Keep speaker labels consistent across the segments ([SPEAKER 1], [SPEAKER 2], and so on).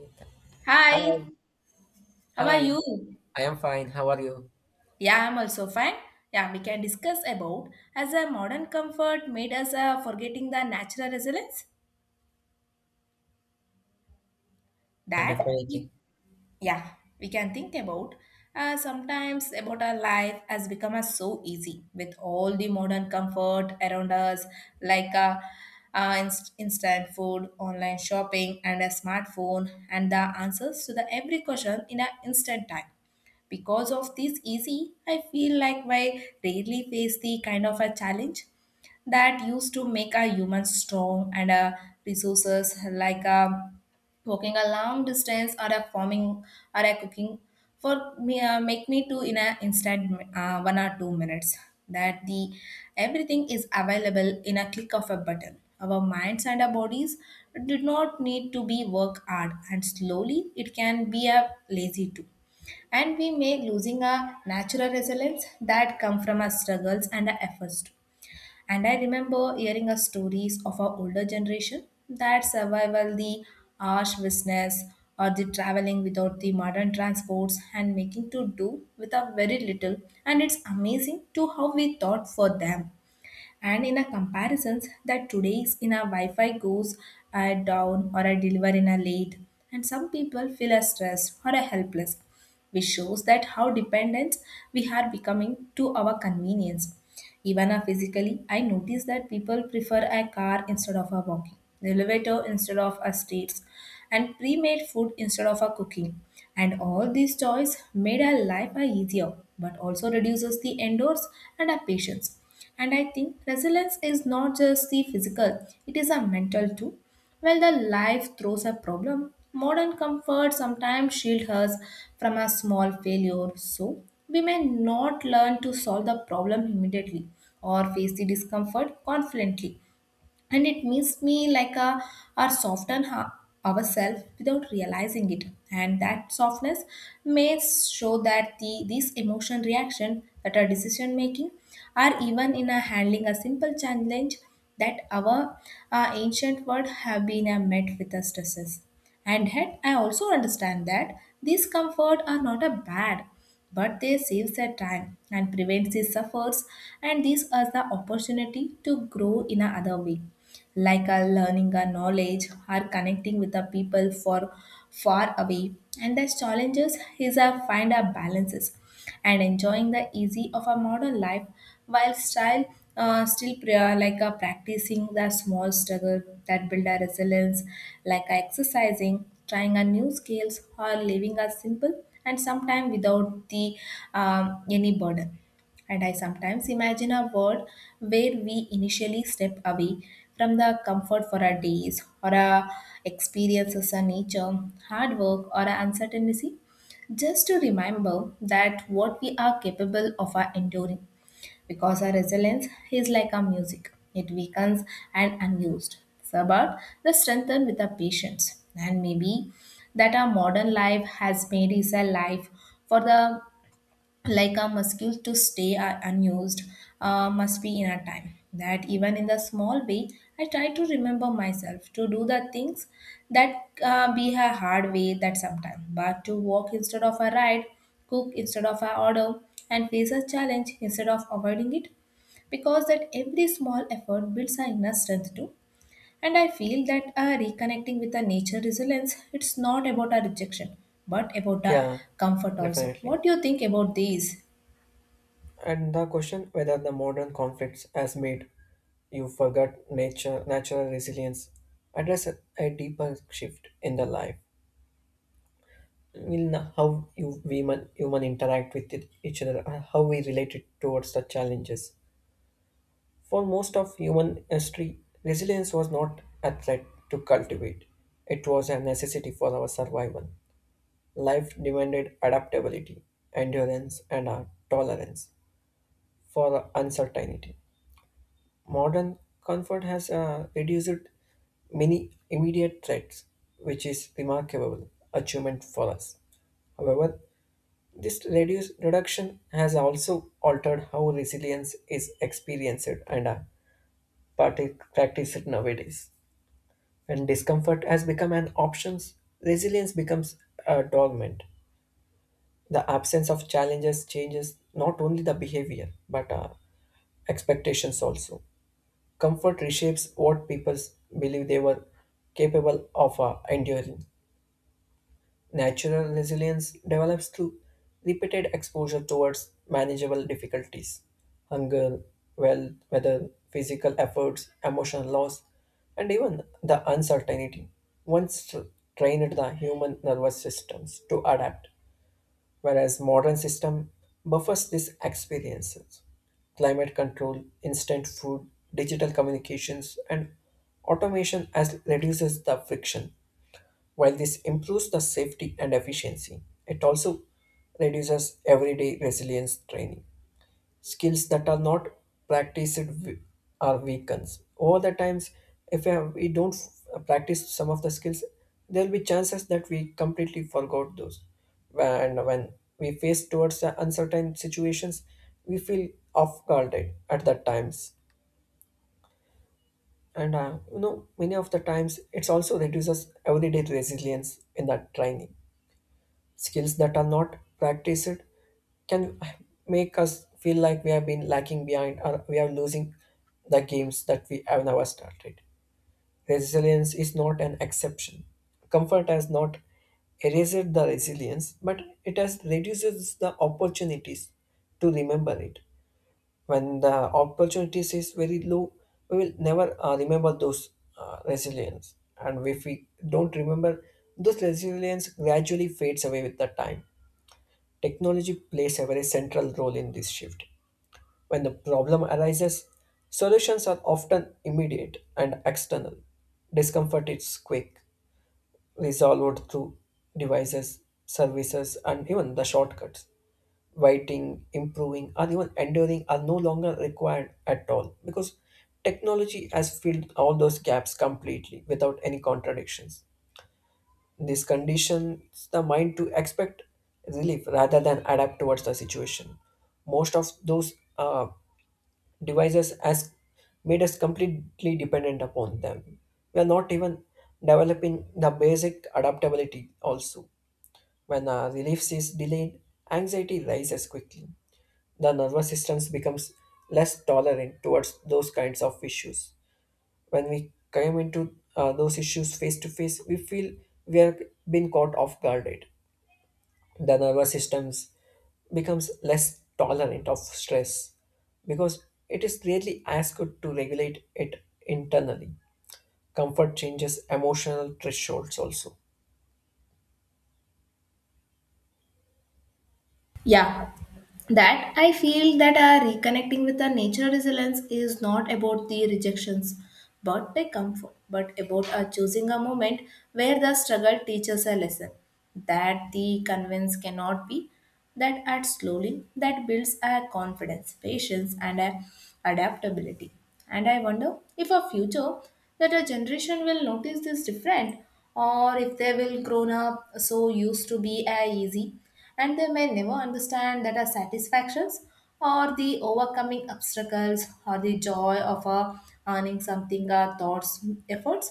[SPEAKER 1] Hi,
[SPEAKER 2] Hi, how are
[SPEAKER 1] hi.
[SPEAKER 2] you?
[SPEAKER 1] I am fine. How are you?
[SPEAKER 2] Yeah, I'm also fine. Yeah, we can discuss about as a modern comfort made us forgetting the natural resilience
[SPEAKER 1] Uh,
[SPEAKER 2] that we,
[SPEAKER 1] Definitely.
[SPEAKER 2] yeah, we can think about sometimes about our life has become us so easy with all the modern comfort around us, like instant food, online shopping and a smartphone and the answers to the every question in an instant time. Because of this easy, I feel like I rarely face the kind of a challenge that used to make a human strong, and a resources like a walking a long distance or a farming or a cooking for me make me to in a instant 1 or 2 minutes, that the everything is available in a click of a button. Our minds and our bodies did not need to be work hard, and slowly it can be a lazy too, and we may losing our natural resilience that come from our struggles and our efforts too. And I remember hearing a stories of our older generation that survival the harsh business or the traveling without the modern transports and making to do with a very little. And it's amazing to how we thought for them, and in a comparisons that today's in a wi-fi goes down or a deliver in a late, and some people feel a stress or a helpless, which shows that how dependent we are becoming to our convenience. Even physically I notice that people prefer a car instead of a walking, the elevator instead of a streets, and pre-made food instead of a cooking, and all these toys made our life a easier, but also reduces the indoors and our patience. And I think resilience is not just the physical, it is a mental too. When the life throws a problem, modern comfort sometimes shields us from a small failure. So we may not learn to solve the problem immediately or face the discomfort confidently, and it makes me like a our ourselves without realizing it, and that softness may show that the these emotion reaction that are decision making are even in a handling a simple challenge that our ancient world have been met with the stresses. And yet, I also understand that these comforts are not a bad, but they save their time and prevents these suffers, and these are the opportunity to grow in another way, like a learning a knowledge or connecting with the people for far away. And the challenges is a find a balances and enjoying the easy of a modern life while style, still pra- like practicing the small struggle that build a resilience, like exercising, trying a new skills, or living a simple, and sometimes without the any burden. And I sometimes imagine a world where we initially step away from the comfort for our days or our experiences, our nature, hard work, or our uncertainty, just to remember that what we are capable of are enduring, because our resilience is like our music, it weakens and unused so, but the strengthen with our patience. And maybe that our modern life has made is a life for the like our muscles to stay unused, must be in a time that even in the small way I try to remember myself to do the things that be a hard way that sometime, but to walk instead of a ride, cook instead of a order, and face a challenge instead of avoiding it, because that every small effort builds our inner strength too. And I feel that reconnecting with the nature resilience, it's not about a rejection, but about a
[SPEAKER 1] Yeah,
[SPEAKER 2] comfort. Also,
[SPEAKER 1] definitely.
[SPEAKER 2] what do you think about these?
[SPEAKER 1] And the question whether the modern conflicts has made you forget nature, natural resilience, address a deeper shift in the life. Will know how you human interact with each other, and how we relate it towards the challenges. For most of human history, resilience was not a threat to cultivate; it was a necessity for our survival. Life demanded adaptability, endurance, and a tolerance for uncertainty. Modern comfort has reduced many immediate threats, which is remarkable achievement for us. However, this reduction has also altered how resilience is experienced and practiced nowadays. When discomfort has become an option, resilience becomes a dormant. The absence of challenges changes not only the behavior but expectations also. Comfort reshapes what people believe they were capable of enduring. Natural resilience develops through repeated exposure towards manageable difficulties, hunger, wealth, weather, physical efforts, emotional loss, and even the uncertainty. Once trained the human nervous systems to adapt, whereas modern system buffers these experiences. Climate control, instant food, digital communications, and automation as reduces the friction. While this improves the safety and efficiency, it also reduces everyday resilience training skills that are not practiced. Are weakens over the times. If we don't practice some of the skills, there will be chances that we completely forgot those, and when we face towards the uncertain situations we feel off guarded at that times. And you know, many of the times it's also reduces everyday resilience in that training. Skills that are not practiced can make us feel like we have been lacking behind, or we are losing the games that we have never started. Resilience is not an exception. Comfort has not erased the resilience, but it has reduces the opportunities to remember it. When the opportunities is very low, we will never remember those resilience. And if we don't remember, those resilience gradually fades away with the time. Technology plays a very central role in this shift. When the problem arises, solutions are often immediate and external. Discomfort is quick, resolved through devices, services, and even the shortcuts. Waiting, improving, or even enduring are no longer required at all, because technology has filled all those gaps completely without any contradictions. This conditions the mind to expect relief rather than adapt towards the situation. Most of those uh, devices has made us completely dependent upon them. We are not even developing the basic adaptability also. When relief is delayed, anxiety rises quickly. The nervous system becomes less tolerant towards those kinds of issues. When we come into those issues face to face, we feel we have been caught off guarded. The nervous systems becomes less tolerant of stress because it is clearly asked to regulate it internally. Comfort changes emotional thresholds also.
[SPEAKER 2] Yeah, that I feel that reconnecting with our nature resilience is not about the rejections but the comfort, but about choosing a moment where the struggle teaches a lesson that the convince cannot be, that adds slowly, that builds a confidence, patience, and a adaptability. And I wonder if a future that a generation will notice this different, or if they will grown up so used to be a easy, and they may never understand that our satisfactions or the overcoming obstacles or the joy of earning something our thoughts efforts.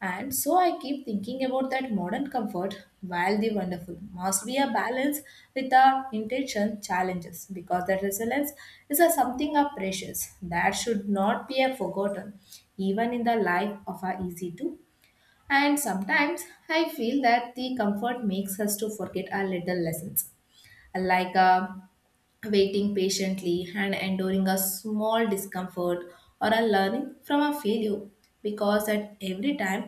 [SPEAKER 2] And so I keep thinking about that modern comfort, while the wonderful must be a balance with our intention challenges, because that resilience is a something of precious that should not be a forgotten, even in the life of our easy to. And sometimes I feel that the comfort makes us to forget our little lessons, like waiting patiently and enduring a small discomfort or a learning from a failure, because at every time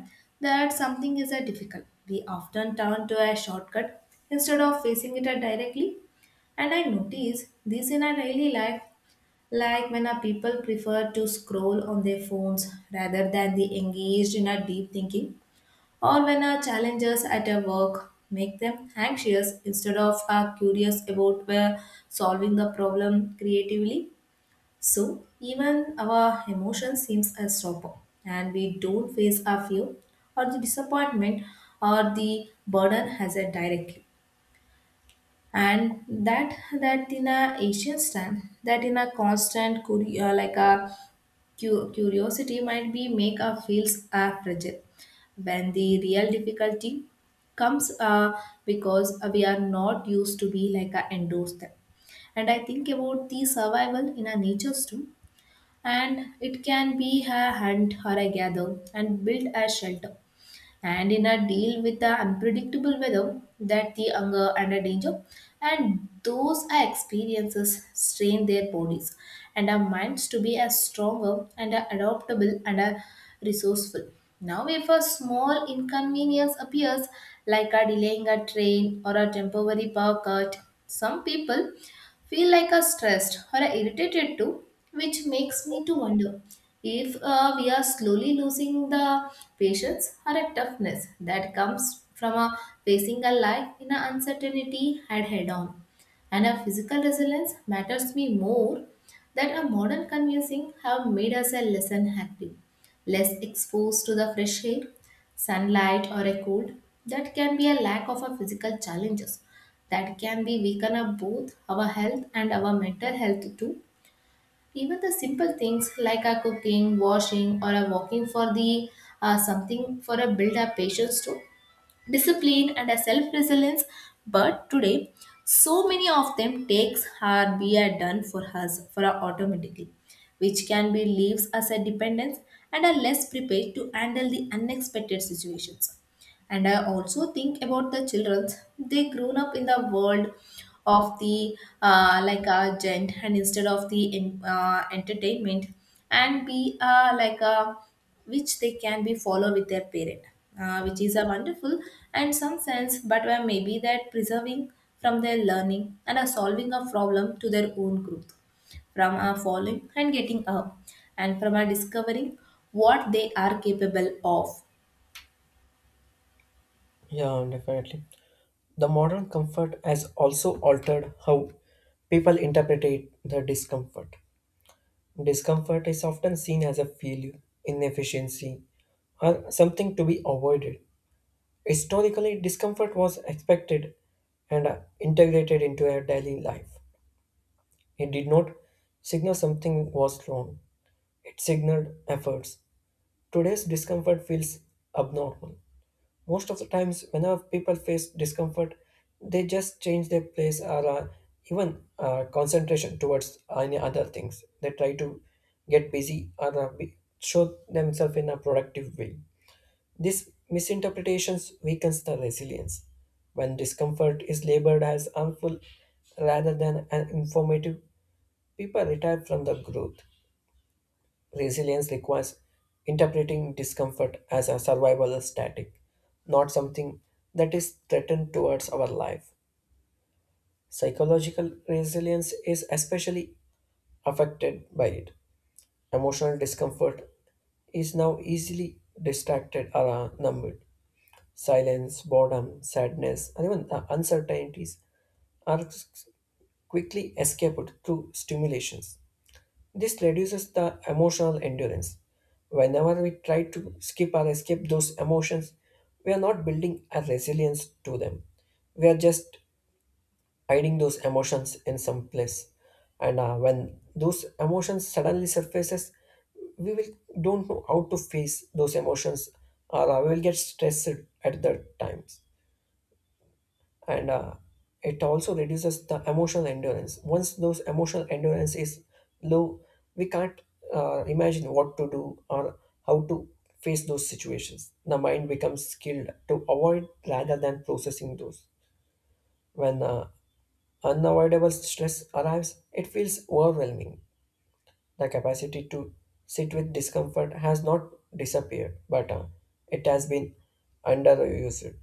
[SPEAKER 2] that something is a difficult we often turn to a shortcut instead of facing it directly. And I notice this in our daily life, like when our people prefer to scroll on their phones rather than they engaged in a deep thinking, or when our challenges at our work make them anxious instead of curious about where solving the problem creatively. So even our emotion seems a stopper, and we don't face our fear or the disappointment or the burden has a directly. And that in a Asian stand that in a constant courier like a curiosity might be make our feels are fragile when the real difficulty comes, because we are not used to be like a endorse them. And I think about the survival in our natures too, and it can be a hunt or a gather and build a shelter and in a deal with the unpredictable weather, that the hunger and the danger, and those are experiences strain their bodies and our minds to be as stronger and are adaptable and are resourceful. Now if a small inconvenience appears, like a delaying a train or a temporary power cut, some people feel like a stressed or a irritated too, which makes me to wonder if we are slowly losing the patience or a toughness that comes from a facing a life in an uncertainty head on. And a physical resilience matters me more, that a modern convincing have made us a less active, less exposed to the fresh air, sunlight or a cold, that can be a lack of a physical challenges that can be weaken up both our health and our mental health too. Even the simple things like a cooking, washing, or a walking for the something for a build up patience too, discipline and a self resilience. But today, so many of them takes are be a done for us for our automatically, which can be leaves us a dependence and are less prepared to handle the unexpected situations. And I also think about the children, they grown up in the world of the like a gent, and instead of the entertainment and be like a which they can be follow with their parent, which is a wonderful and some sense, but where maybe that preserving from their learning and a solving a problem to their own growth, from a falling and getting up, and from a discovering what they are capable of.
[SPEAKER 1] Yeah, definitely. The modern comfort has also altered how people interpret the discomfort. Discomfort is often seen as a failure, inefficiency, or something to be avoided. Historically, discomfort was expected and integrated into our daily life. It did not signal something was wrong, it signaled efforts. Today's discomfort feels abnormal. Most of the times, whenever people face discomfort, they just change their place or even concentration towards any other things. They try to get busy or show themselves in a productive way. These misinterpretations weakens the resilience. When discomfort is labeled as harmful rather than an informative, people retire from the growth. Resilience requires interpreting discomfort as a survival static, not something that is threatened towards our life. Psychological resilience is especially affected by it. Emotional discomfort is now easily distracted or numbed. Silence, boredom, sadness, and even uncertainties are quickly escaped through stimulations. This reduces the emotional endurance. Whenever we try to skip or escape those emotions, we are not building a resilience to them. We are just hiding those emotions in some place. And when those emotions suddenly surfaces, we will don't know how to face those emotions, or we will get stressed at that times. And it also reduces the emotional endurance. Once those emotional endurance is low, we can't imagine what to do or how to face those situations. The mind becomes skilled to avoid rather than processing those. When unavoidable stress arrives, it feels overwhelming. The capacity to sit with discomfort has not disappeared, but it has been underused.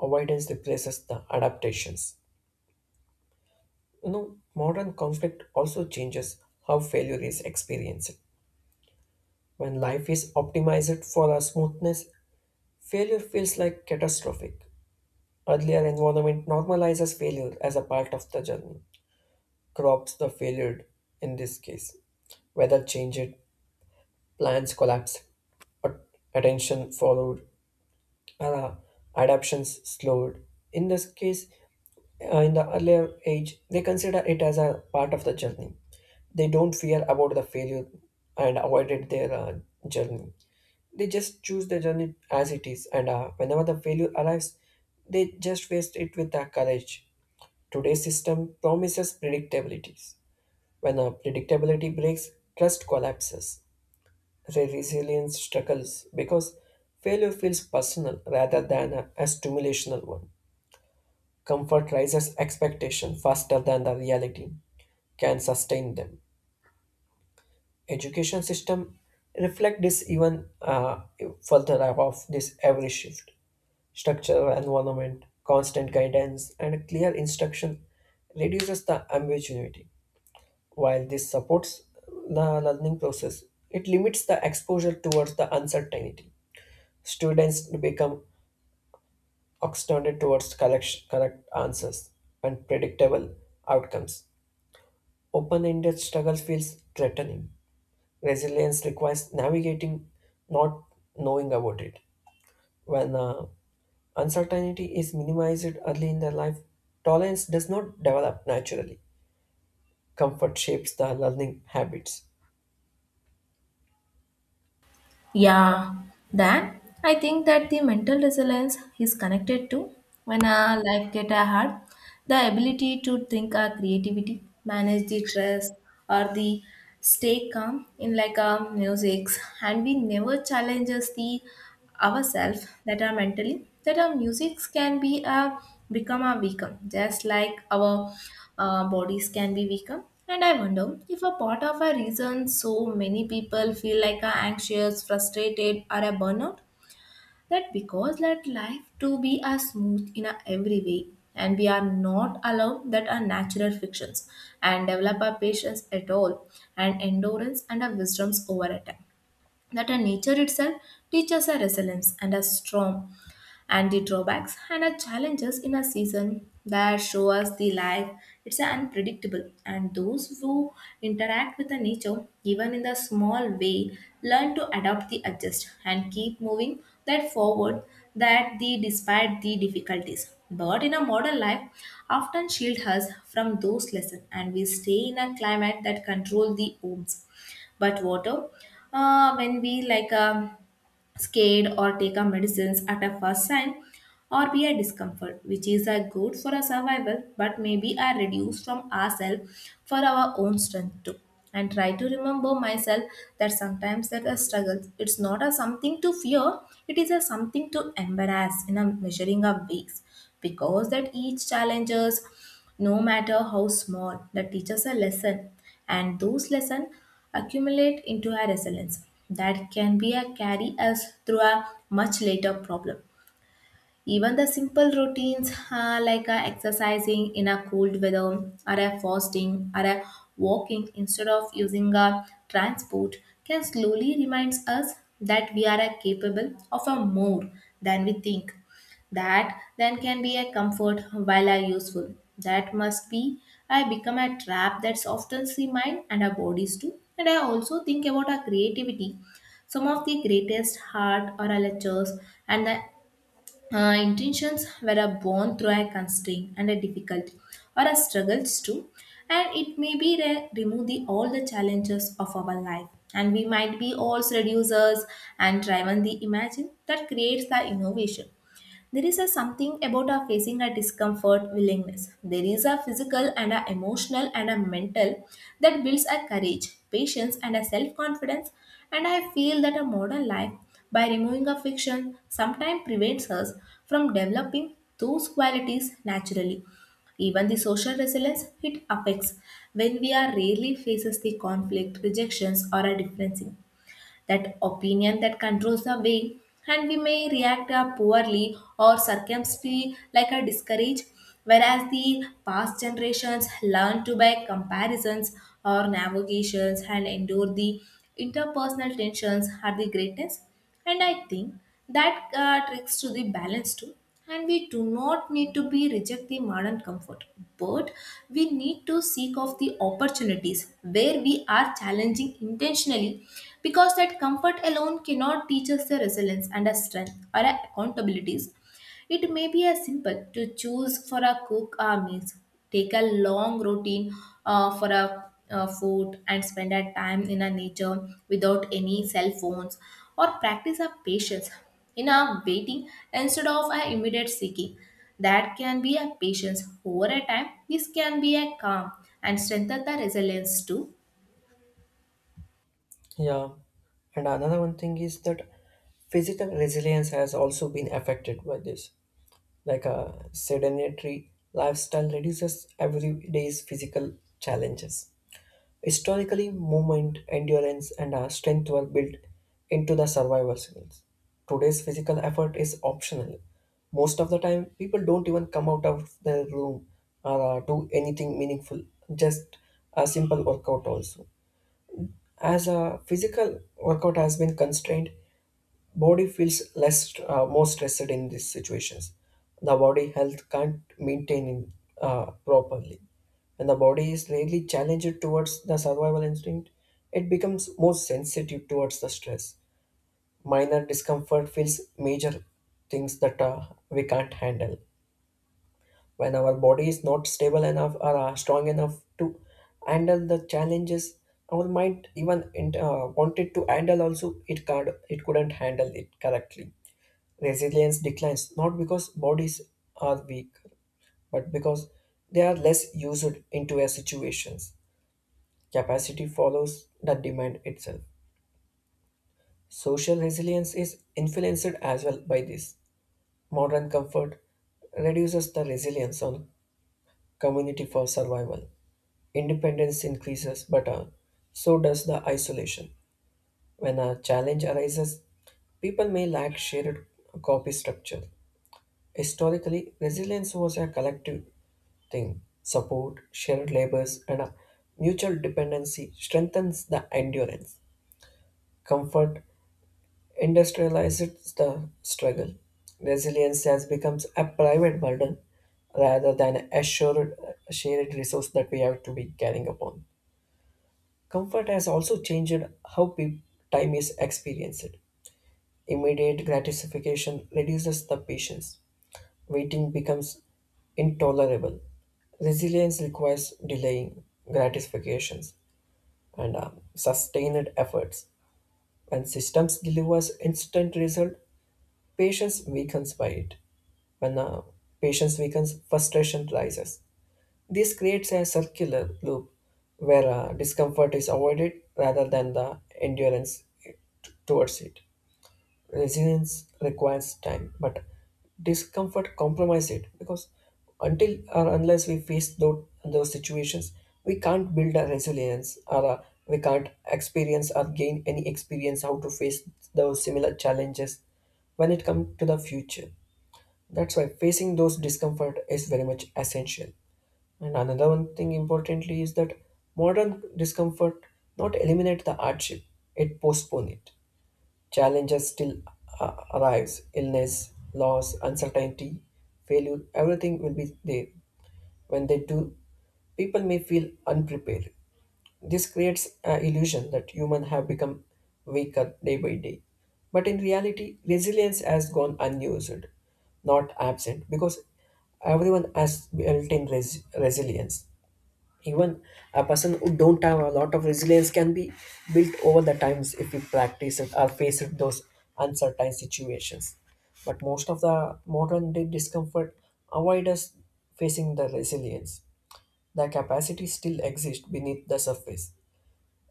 [SPEAKER 1] Avoidance replaces the adaptations. You know, modern conflict also changes how failure is experienced. When life is optimized for our smoothness, failure feels like catastrophic. Earlier environment normalizes failure as a part of the journey, crops the failure in this case. Weather changed, plans collapsed, at- attention followed, uh, adaptations slowed. In this case, in the earlier age, they consider it as a part of the journey. They don't fear about the failure and avoided their journey. They just choose the journey as it is, and whenever the failure arrives, they just face it with courage. Today's system promises predictabilities. When predictability breaks, trust collapses. Resilience struggles because failure feels personal rather than a stimulational one. Comfort rises expectation faster than the reality can sustain them. Education system reflect this even further. Above this every shift, structure environment, constant guidance and clear instruction reduces the ambiguity. While this supports the learning process, it limits the exposure towards the uncertainty. Students become extended towards correct answers and predictable outcomes. Open-ended struggle feels threatening. Resilience requires navigating not knowing about it. When uncertainty is minimized early in their life, tolerance does not develop naturally. Comfort shapes the learning habits.
[SPEAKER 2] Yeah, then I think that the mental resilience is connected to when a life get a hard, the ability to think our creativity, manage the stress, or the stay calm in like our music, and we never challenges the ourselves that are mentally, that our musics can be a become a weaker just like our bodies can be weaker. And I wonder if a part of a reason so many people feel like are anxious frustrated or a burnout, that because that life to be as smooth in a every way, and we are not allowed that are natural fictions and develop our patience at all and endurance and our wisdoms over a time, that our nature itself teaches our resilience and our storm and the drawbacks and our challenges in a season that show us the life, it's unpredictable. And those who interact with the nature even in the small way learn to adapt the adjust and keep moving that forward, that the despite the difficulties, but in a modern life often shield us from those lessons, and we stay in a climate that control the homes, but water, when we like scared or take our medicines at a first sign or we are discomfort, which is a good for our survival, but maybe I reduce from ourselves for our own strength too. And try to remember myself that sometimes that a struggle it's not a something to fear, it is a something to embrace in a measuring of weeks, because that each challenges, no matter how small, that teaches a lesson, and those lessons accumulate into a resilience that can be a carry us through a much later problem. Even the simple routines, like exercising in a cold weather or a fasting or a walking instead of using a transport, can slowly reminds us that we are capable of a more than we think. That then can be a comfort while are useful. That must be I become a trap that's often see mind and our bodies too. And I also think about our creativity. Some of the greatest art or our lectures and the intentions were a born through a constraint and a difficulty or a struggles too, and it may be remove the all the challenges of our life, and we might be all seducers and driven the imagine that creates the innovation. There is a something about a facing a discomfort willingness. There is a physical and a emotional and a mental that builds a courage, patience, and a self-confidence. And I feel that a modern life, by removing a fiction, sometimes prevents us from developing those qualities naturally. Even the social resilience it affects when we are rarely faces the conflict, rejections, or a difference that opinion that controls the way, and we may react poorly or circumspectly like a discourage, whereas the past generations learn to by comparisons or navigations and endure the interpersonal tensions are the greatest. And I think that tricks to the balance too. And we do not need to be reject the modern comfort, but we need to seek of the opportunities where we are challenging intentionally, because that comfort alone cannot teach us the resilience and a strength or a accountabilities. It may be as simple to choose for a cook a meals, take a long routine for a food and spend a time in a nature without any cell phones or practice a patience in a waiting instead of a immediate seeking. That can be a patience over a time. This can be a calm and strengthen the resilience too.
[SPEAKER 1] Yeah, and another one thing is that physical resilience has also been affected by this. Like a sedentary lifestyle reduces everyday's physical challenges. Historically, movement, endurance, and strength were built into the survival skills. Today's physical effort is optional. Most of the time, people don't even come out of their room or do anything meaningful, just a simple workout, also. As a physical workout has been constrained, body feels more stressed in these situations. The body health can't maintain in, properly. When the body is really challenged towards the survival instinct, it becomes more sensitive towards the stress. Minor discomfort feels major things that we can't handle. When our body is not stable enough or strong enough to handle the challenges, our mind even wanted to handle also it couldn't handle it correctly. Resilience declines not because bodies are weak, but because they are less used into a situations. Capacity follows the demand itself. Social resilience is influenced as well by this. Modern comfort reduces the resilience on community for survival. Independence increases, but so does the isolation. When a challenge arises, people may lack shared copy structure. Historically, resilience was a collective thing, support, shared labors and a mutual dependency strengthens the endurance. Comfort industrializes the struggle. Resilience has become a private burden rather than a shared resource that we have to be carrying upon. Comfort has also changed how time is experienced. Immediate gratification reduces the patience. Waiting becomes intolerable. Resilience requires delaying gratifications and sustained efforts. When systems delivers instant result, patience weakens by it. When patience weakens, frustration rises. This creates a circular loop where discomfort is avoided rather than the endurance towards it. Resilience requires time, but discomfort compromises it, because until or unless we face those situations, we can't build a resilience, we can't experience or gain any experience how to face those similar challenges when it comes to the future. That's why facing those discomfort is very much essential. And another one thing importantly is that modern discomfort not eliminate the hardship, it postpone it. Challenges still arrives illness, loss, uncertainty, failure, everything will be there. When they do, people may feel unprepared. This creates an illusion that humans have become weaker day by day. But in reality, resilience has gone unused, not absent, because everyone has built in resilience. Even a person who don't have a lot of resilience can be built over the times if we practice it or face it those uncertain situations. But most of the modern day discomfort avoid us facing the resilience. The capacity still exists beneath the surface.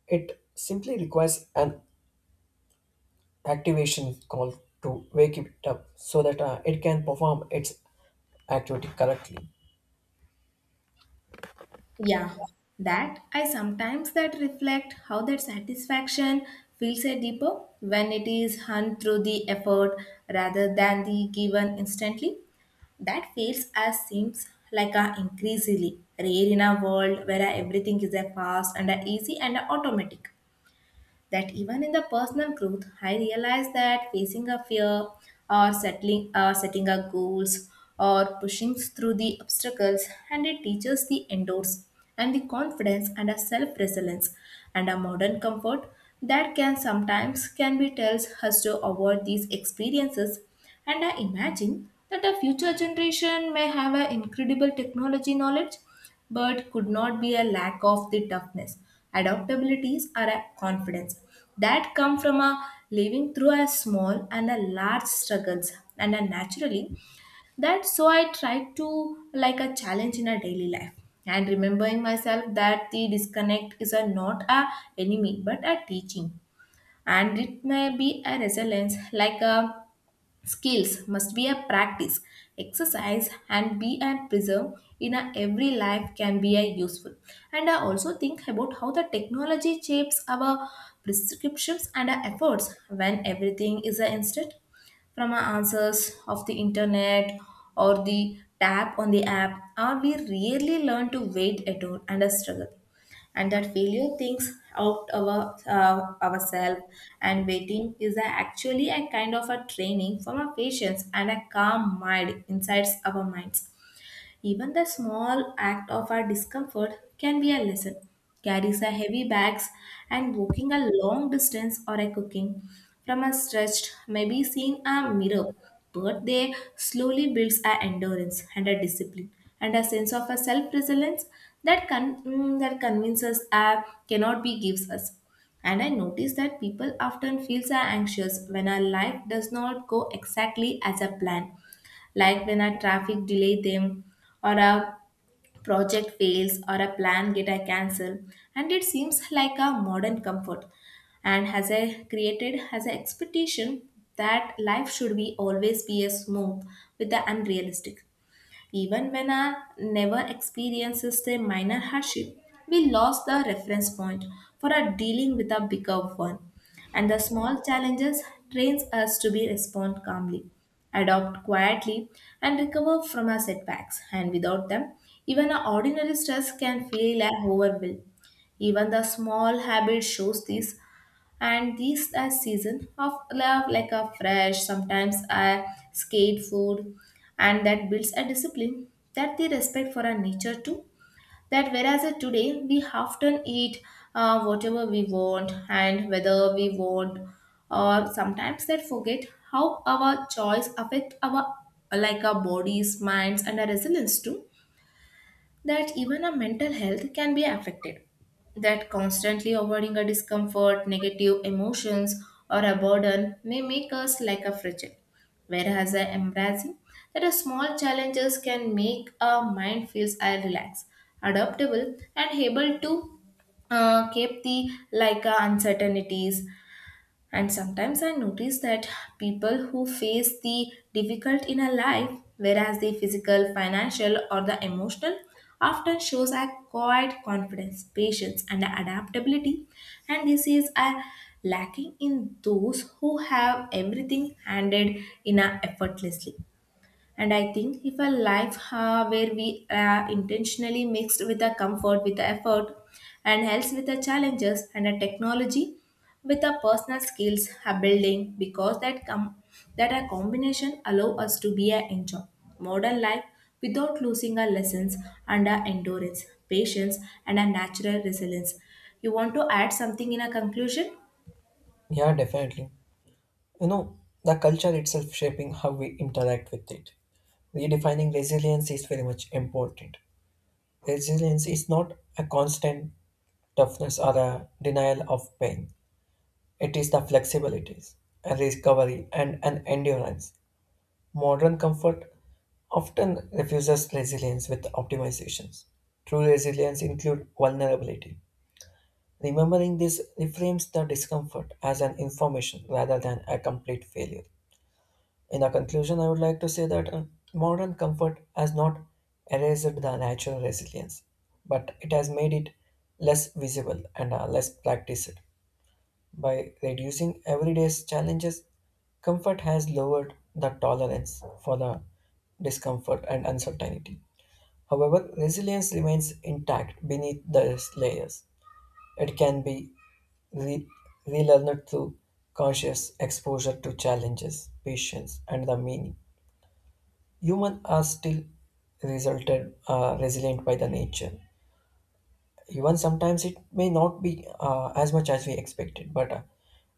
[SPEAKER 1] It simply requires an activation call to wake it up so that it can perform its activity correctly.
[SPEAKER 2] Yeah, that I sometimes that reflect how that satisfaction feels a deeper when it is hunt through the effort rather than the given instantly. That feels as seems like a increasingly rare in a world where everything is a fast and a easy and a automatic, that even in the personal growth, I realized that facing a fear or settling or setting up goals or pushing through the obstacles, and it teaches the endurance and the confidence and a self-resilience. And a modern comfort that can sometimes can be tells us to avoid these experiences. And I imagine that a future generation may have an incredible technology knowledge but could not be a lack of the toughness. Adaptabilities are a confidence that come from a living through a small and a large struggles and a naturally, that so I try to like a challenge in a daily life and remembering myself that the disconnect is a not a enemy but a teaching, and it may be a resilience like a skills must be a practice, exercise, and be and preserve in a every life can be a useful. And I also think about how the technology shapes our prescriptions and our efforts when everything is an instant from our answers of the internet or the tap on the app, or we really learn to wait at all and a struggle, and that failure thinks out our ourselves. And waiting is a, actually a kind of a training from a patience and a calm mind inside our minds. Even the small act of our discomfort can be a lesson. Carries a heavy bags and walking a long distance or a cooking from a stretched, maybe seeing a mirror, but they slowly builds a endurance and a discipline and a sense of a self-resilience that that convinces a cannot be gives us. And I notice that people often feels are anxious when our life does not go exactly as a plan, like when a traffic delay them or a project fails or a plan get a cancel, and it seems like a modern comfort and has a created has an expectation that life should be always be a smooth with the unrealistic. Even when I never experiences a minor hardship, we lost the reference point for our dealing with a bigger one. And the small challenges trains us to be respond calmly, adopt quietly, and recover from our setbacks. And without them, even our ordinary stress can feel like overwhelm. Even the small habit shows this, and these are season of love like a fresh sometimes a skate food, and that builds a discipline that the respect for our nature too, that whereas today we often eat whatever we want and whether we want, or sometimes that forget how our choice affect our like our bodies minds and our resilience too, that even our mental health can be affected. That constantly avoiding a discomfort, negative emotions, or a burden may make us like a fragile. Whereas a embracing that a small challenges can make our mind feels a relaxed, adaptable, and able to keep the like uncertainties. And sometimes I notice that people who face the difficult in a life, whereas the physical, financial, or the emotional, often shows a quiet confidence, patience, and adaptability. And this is a lacking in those who have everything handed in a effortlessly. And I think if a life where we are intentionally mixed with the comfort, with the effort, and health with the challenges, and a technology with the personal skills are building, because that that a combination allow us to be a enjoy modern life without losing our lessons and our endurance, patience, and our natural resilience. You want to add something in a conclusion?
[SPEAKER 1] Yeah, definitely. You know, the culture itself shaping how we interact with it. Redefining resilience is very much important. Resilience is not a constant toughness or a denial of pain. It is the flexibilities, a recovery, and an endurance. Modern comfort often refuses resilience with optimizations. True resilience includes vulnerability. Remembering this reframes the discomfort as an information rather than a complete failure. In a conclusion, I would like to say that modern comfort has not erased the natural resilience, but it has made it less visible and less practiced. By reducing everyday's challenges, comfort has lowered the tolerance for the discomfort and uncertainty. However, resilience remains intact beneath these layers. It can be re- relearned through conscious exposure to challenges, patience, and the meaning. Humans are still resulted resilient by the nature. Even sometimes it may not be as much as we expected, but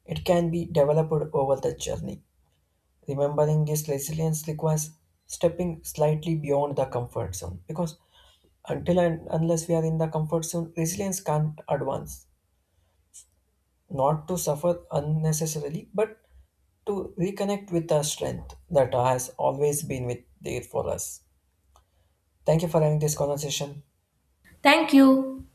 [SPEAKER 1] it can be developed over the journey. Remembering this resilience requires stepping slightly beyond the comfort zone, because until and unless we are in the comfort zone, resilience can't advance. Not to suffer unnecessarily, but to reconnect with the strength that has always been with there for us. Thank you for having this conversation.
[SPEAKER 2] Thank you.